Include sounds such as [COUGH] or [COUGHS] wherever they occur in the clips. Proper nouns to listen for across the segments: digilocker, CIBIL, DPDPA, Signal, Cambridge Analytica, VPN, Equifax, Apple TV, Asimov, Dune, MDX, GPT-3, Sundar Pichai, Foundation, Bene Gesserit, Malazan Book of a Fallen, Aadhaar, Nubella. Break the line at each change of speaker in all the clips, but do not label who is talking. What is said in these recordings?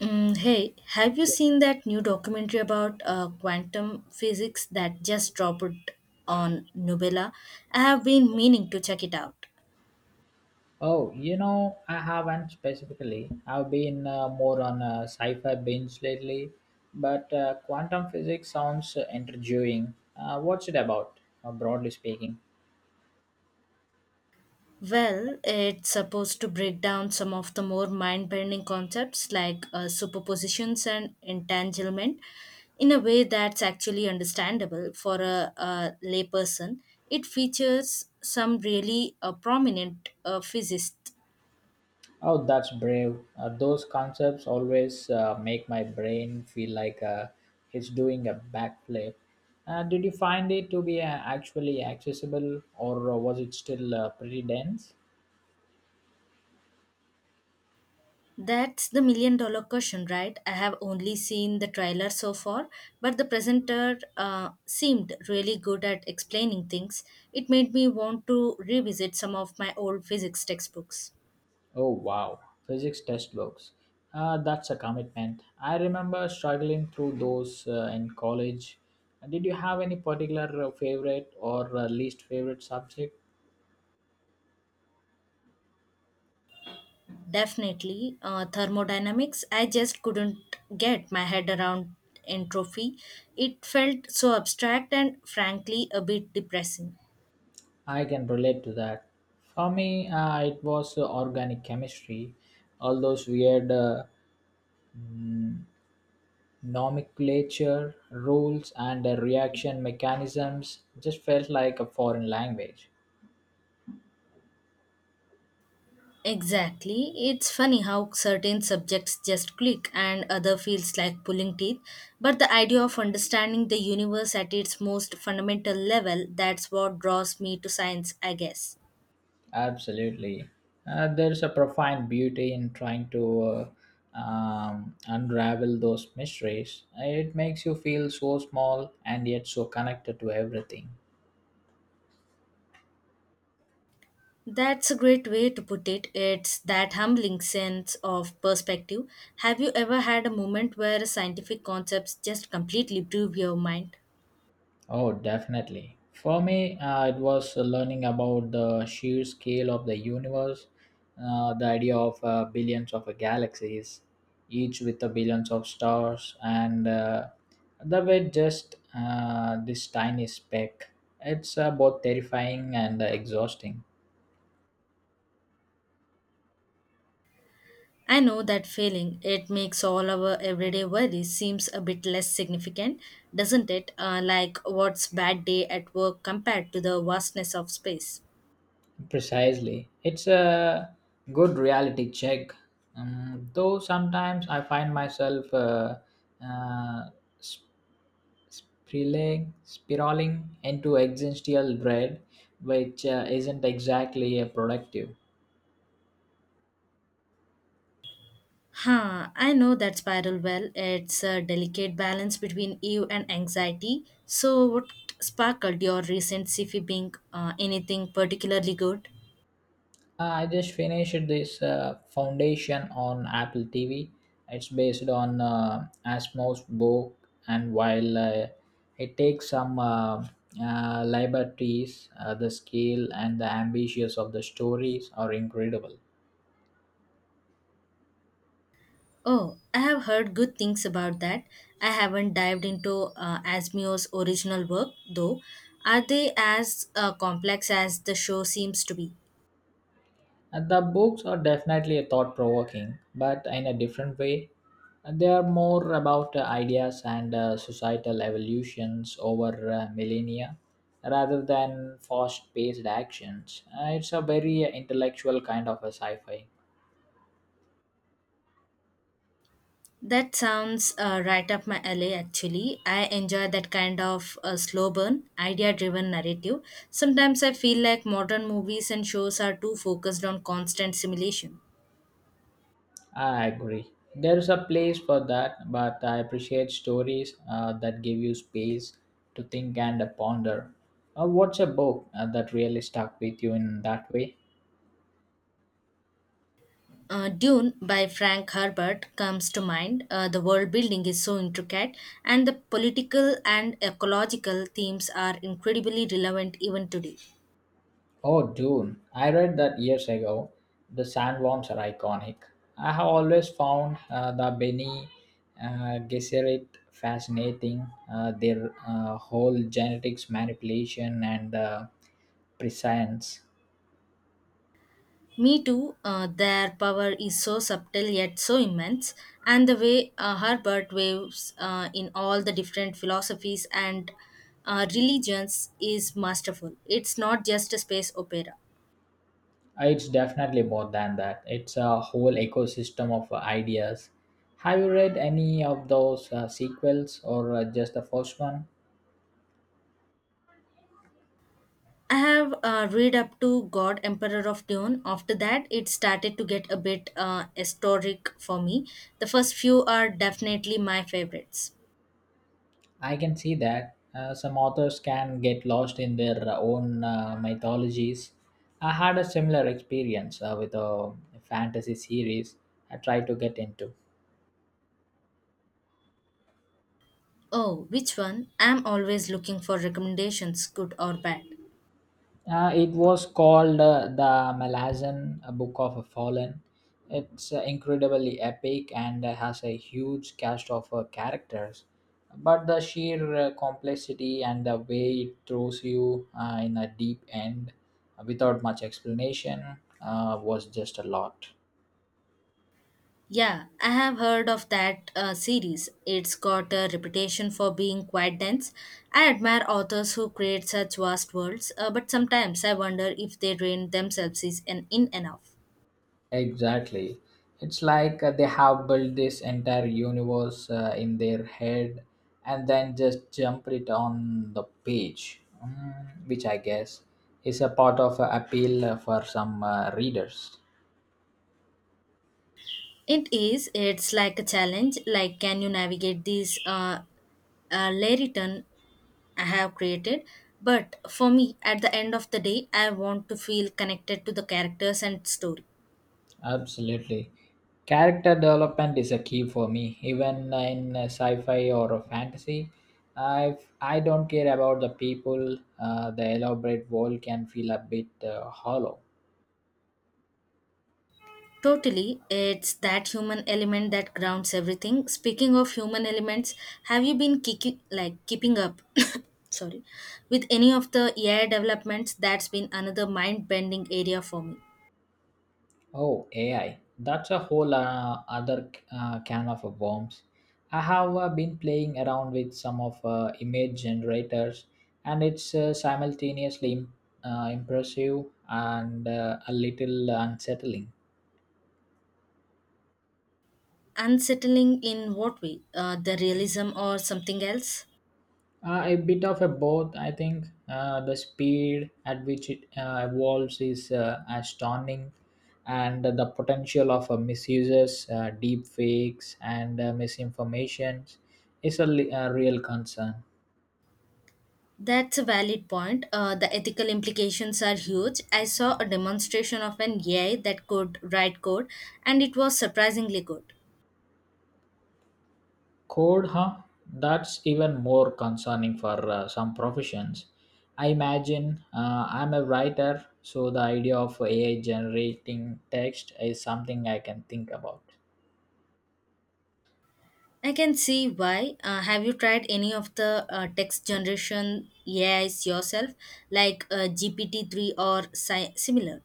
Mm, hey, have you seen that new documentary about quantum physics that just dropped on Nubella? I have been meaning to check it out.
Oh, you know, I haven't specifically. I've been more on a sci-fi binge lately, but quantum physics sounds intriguing. What's it about, broadly speaking?
Well, it's supposed to break down some of the more mind bending concepts like superpositions and entanglement in a way that's actually understandable for a layperson. It features some really prominent physicists.
Oh, that's brave. Those concepts always make my brain feel like it's doing a backflip. Did you find it to be actually accessible, or was it still pretty dense?
That's the million dollar question, right? I have only seen the trailer so far, but the presenter seemed really good at explaining things. It made me want to revisit some of my old physics textbooks.
Oh wow, physics test books. That's a commitment. I remember struggling through those in college. Did you have any particular favorite or least favorite subject?
Definitely, thermodynamics, I just couldn't get my head around entropy. It felt so abstract and frankly a bit depressing.
I can relate to that. For me, it was organic chemistry, all those weird mm, nomenclature, rules, and reaction mechanisms just felt like a foreign language.
Exactly. It's funny how certain subjects just click and other feels like pulling teeth. But the idea of understanding the universe at its most fundamental level, that's what draws me to science, I guess.
Absolutely. There's a profound beauty in trying to unravel those mysteries. It makes you feel so small and yet so connected to everything.
That's a great way to put it. It's that humbling sense of perspective. Have you ever had a moment where scientific concepts just completely blew your mind?
Oh, definitely. For me, it was learning about the sheer scale of the universe, the idea of billions of galaxies, each with the billions of stars, and the way just this tiny speck. It's both terrifying and exhausting.
I know that feeling. It makes all our everyday worries seems a bit less significant, doesn't it? Like what's bad day at work compared to the vastness of space.
Precisely. It's a good reality check. Though sometimes I find myself uh, spiraling into existential dread, which isn't exactly productive.
Huh, I know that spiral well. It's a delicate balance between you and anxiety. So what sparkled your recent sci-fi being anything particularly good?
I just finished this foundation on Apple TV. It's based on Asimov's book, and while it takes some liberties, the scale and the ambitions of the stories are incredible.
Oh, I have heard good things about that. I haven't dived into Asmio's original work, though. Are they as complex as the show seems to be?
And the books are definitely thought provoking, but in a different way. And they are more about ideas and societal evolutions over millennia rather than fast paced actions. It's a very intellectual kind of a sci fi.
That sounds right up my alley, actually. I enjoy that kind of slow burn, idea driven narrative. Sometimes I feel like modern movies and shows are too focused on constant simulation.
I agree. There's a place for that, but I appreciate stories that give you space to think and ponder. What's a book that really stuck with you in that way?
Dune by Frank Herbert comes to mind. The world building is so intricate, and the political and ecological themes are incredibly relevant even today.
Oh, Dune. I read that years ago. The sandworms are iconic. I have always found the Bene Gesserit fascinating. Their whole genetics manipulation and prescience.
Me too, their power is so subtle yet so immense, and the way Herbert waves in all the different philosophies and religions is masterful. It's not just a space opera.
It's definitely more than that. It's a whole ecosystem of ideas. Have you read any of those sequels or just the first one?
I have read up to God Emperor of Dune. After that, it started to get a bit historic for me. The first few are definitely my favorites.
I can see that some authors can get lost in their own mythologies. I had a similar experience with a fantasy series I tried to get into.
Oh, which one? I'm always looking for recommendations, good or bad.
It was called the Malazan Book of a Fallen. It's incredibly epic and has a huge cast of characters. But the sheer complexity and the way it throws you in a deep end without much explanation was just a lot.
Yeah, I have heard of that series. It's got a reputation for being quite dense. I admire authors who create such vast worlds, but sometimes I wonder if they drain themselves in enough.
Exactly. It's like they have built this entire universe in their head and then just jump it on the page, Mm, which I guess is a part of appeal for some readers.
It is. It's like a challenge. Like, can you navigate these layery turn I have created? But for me, at the end of the day, I want to feel connected to the characters and story.
Absolutely. Character development is a key for me, even in sci-fi or a fantasy. I don't care about the people. The elaborate world can feel a bit hollow.
Totally, it's that human element that grounds everything. Speaking of human elements, have you been kicking, like keeping up? [COUGHS] sorry, with any of the AI developments? That's been another mind-bending area for me.
Oh, AI. That's a whole other can of worms. I have been playing around with some of image generators, and it's simultaneously impressive and a little unsettling.
Unsettling in what way? The realism or something else?
A bit of a both, I think. The speed at which it evolves is astounding, and the potential of misuses, deep fakes, and misinformations is a, a real concern.
That's a valid point. The ethical implications are huge. I saw a demonstration of an AI that could write code, and it was surprisingly good.
Code, huh? That's even more concerning for some professions. I imagine I'm a writer, so the idea of AI generating text is something I can think about.
I can see why. Have you tried any of the text generation AIs yourself, like GPT-3 or similar?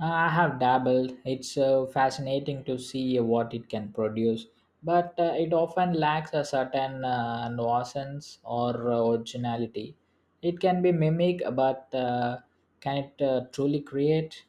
I have dabbled. It's fascinating to see what it can produce, but it often lacks a certain nuisance or originality. It can be mimic, but can it truly create?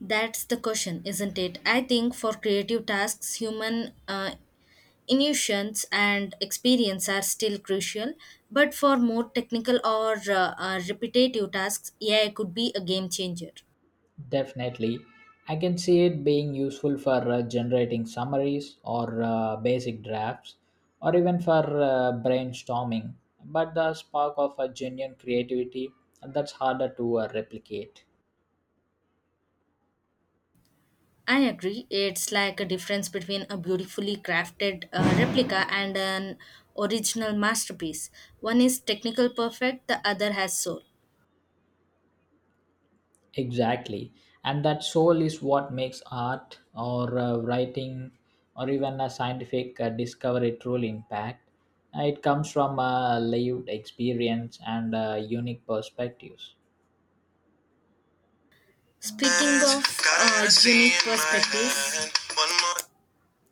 That's the question, isn't it? I think for creative tasks, human intuitions and experience are still crucial, but for more technical or repetitive tasks, AI could be a game changer.
Definitely. I can see it being useful for generating summaries or basic drafts or even for brainstorming. But the spark of a genuine creativity that's harder to replicate.
I agree. It's like a difference between a beautifully crafted replica and an original masterpiece. One is technical perfect, the other has soul.
Exactly. And that soul is what makes art or writing or even a scientific discovery truly impact. It comes from a lived experience and unique perspectives.
Speaking of uh, unique perspectives,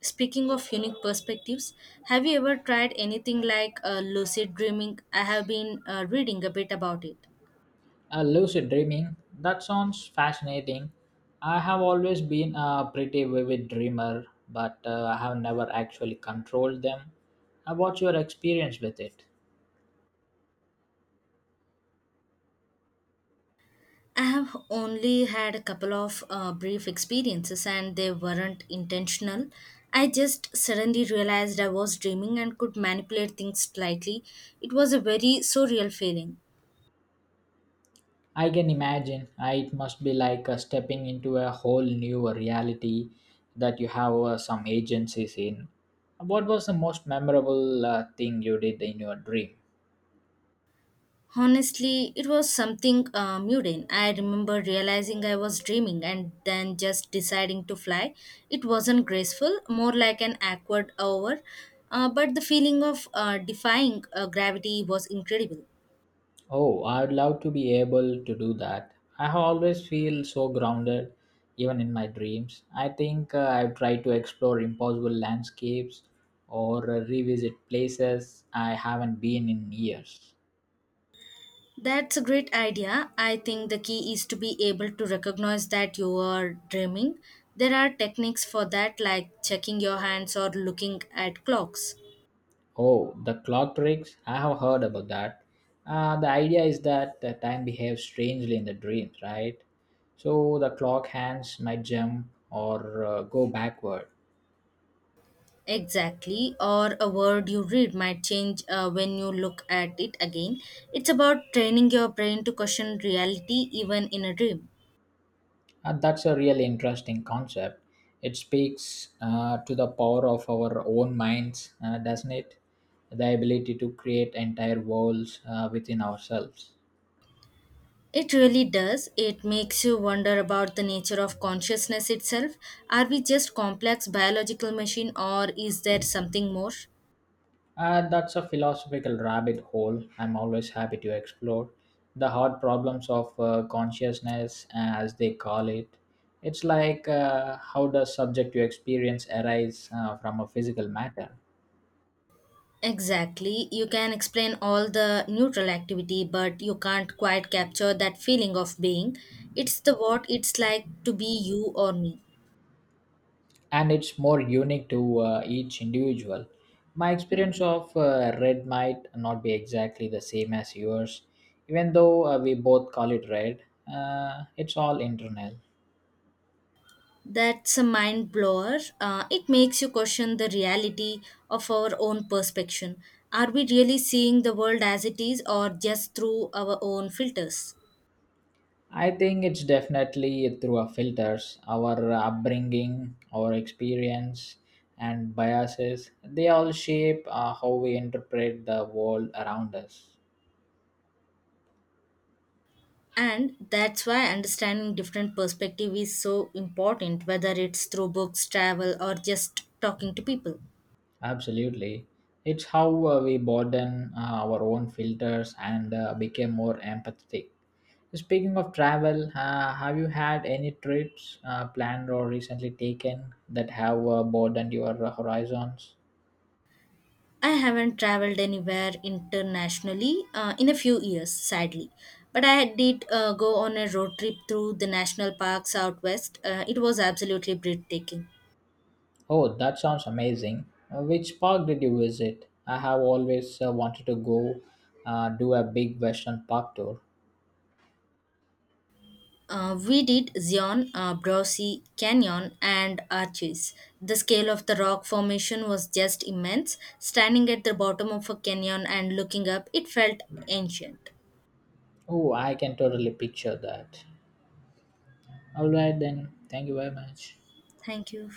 Speaking of unique perspectives, have you ever tried anything like lucid dreaming? I have been reading a bit about it.
Lucid dreaming. That sounds fascinating. I have always been a pretty vivid dreamer, but I have never actually controlled them. What's your experience with it?
I have only had a couple of brief experiences and they weren't intentional. I just suddenly realized I was dreaming and could manipulate things slightly. It was a very surreal feeling.
I can imagine. It must be like stepping into a whole new reality that you have some agencies in. What was the most memorable thing you did in your dream?
Honestly, it was something mundane. I remember realizing I was dreaming and then just deciding to fly. It wasn't graceful, more like an awkward hour, but the feeling of defying gravity was incredible.
Oh, I'd love to be able to do that. I have always feel so grounded, even in my dreams. I think I've tried to explore impossible landscapes or revisit places I haven't been in years.
That's a great idea. I think the key is to be able to recognize that you are dreaming. There are techniques for that, like checking your hands or looking at clocks.
Oh, the clock tricks. I have heard about that. The idea is that the time behaves strangely in the dreams, right? So the clock hands might jump or go backward.
Exactly, or a word you read might change when you look at it again. It's about training your brain to question reality even in a dream.
That's a really interesting concept. It speaks to the power of our own minds, doesn't it? The ability to create entire worlds within ourselves.
It really does. It makes you wonder about the nature of consciousness itself. Are we just complex biological machine or is there something more?
That's a philosophical rabbit hole I'm always happy to explore. The hard problems of consciousness, as they call it. It's like how does subject to experience arise from a physical matter?
Exactly. You can explain all the neutral activity, but you can't quite capture that feeling of being. It's the what it's like to be you or me.
And it's more unique to each individual. My experience of red might not be exactly the same as yours, even though we both call it red. It's all internal.
That's a mind blower. It makes you question the reality of our own perception. Are we really seeing the world as it is or just through our own filters?
I think it's definitely through our filters, our upbringing, our experience, and biases. They all shape how we interpret the world around us.
And that's why understanding different perspective is so important, whether it's through books, travel, or just talking to people.
Absolutely. It's how we broaden our own filters and became more empathetic. Speaking of travel, have you had any trips planned or recently taken that have broadened your horizons?
I haven't traveled anywhere internationally in a few years, sadly. But I did go on a road trip through the national park southwest. It was absolutely breathtaking.
Oh, that sounds amazing. Which park did you visit? I have always wanted to go do a big Western Park tour.
We did Zion, Browsey Canyon, and Arches. The scale of the rock formation was just immense. Standing at the bottom of a canyon and looking up, it felt ancient.
Oh, I can totally picture that. All right, then. Thank you very much.
Thank you.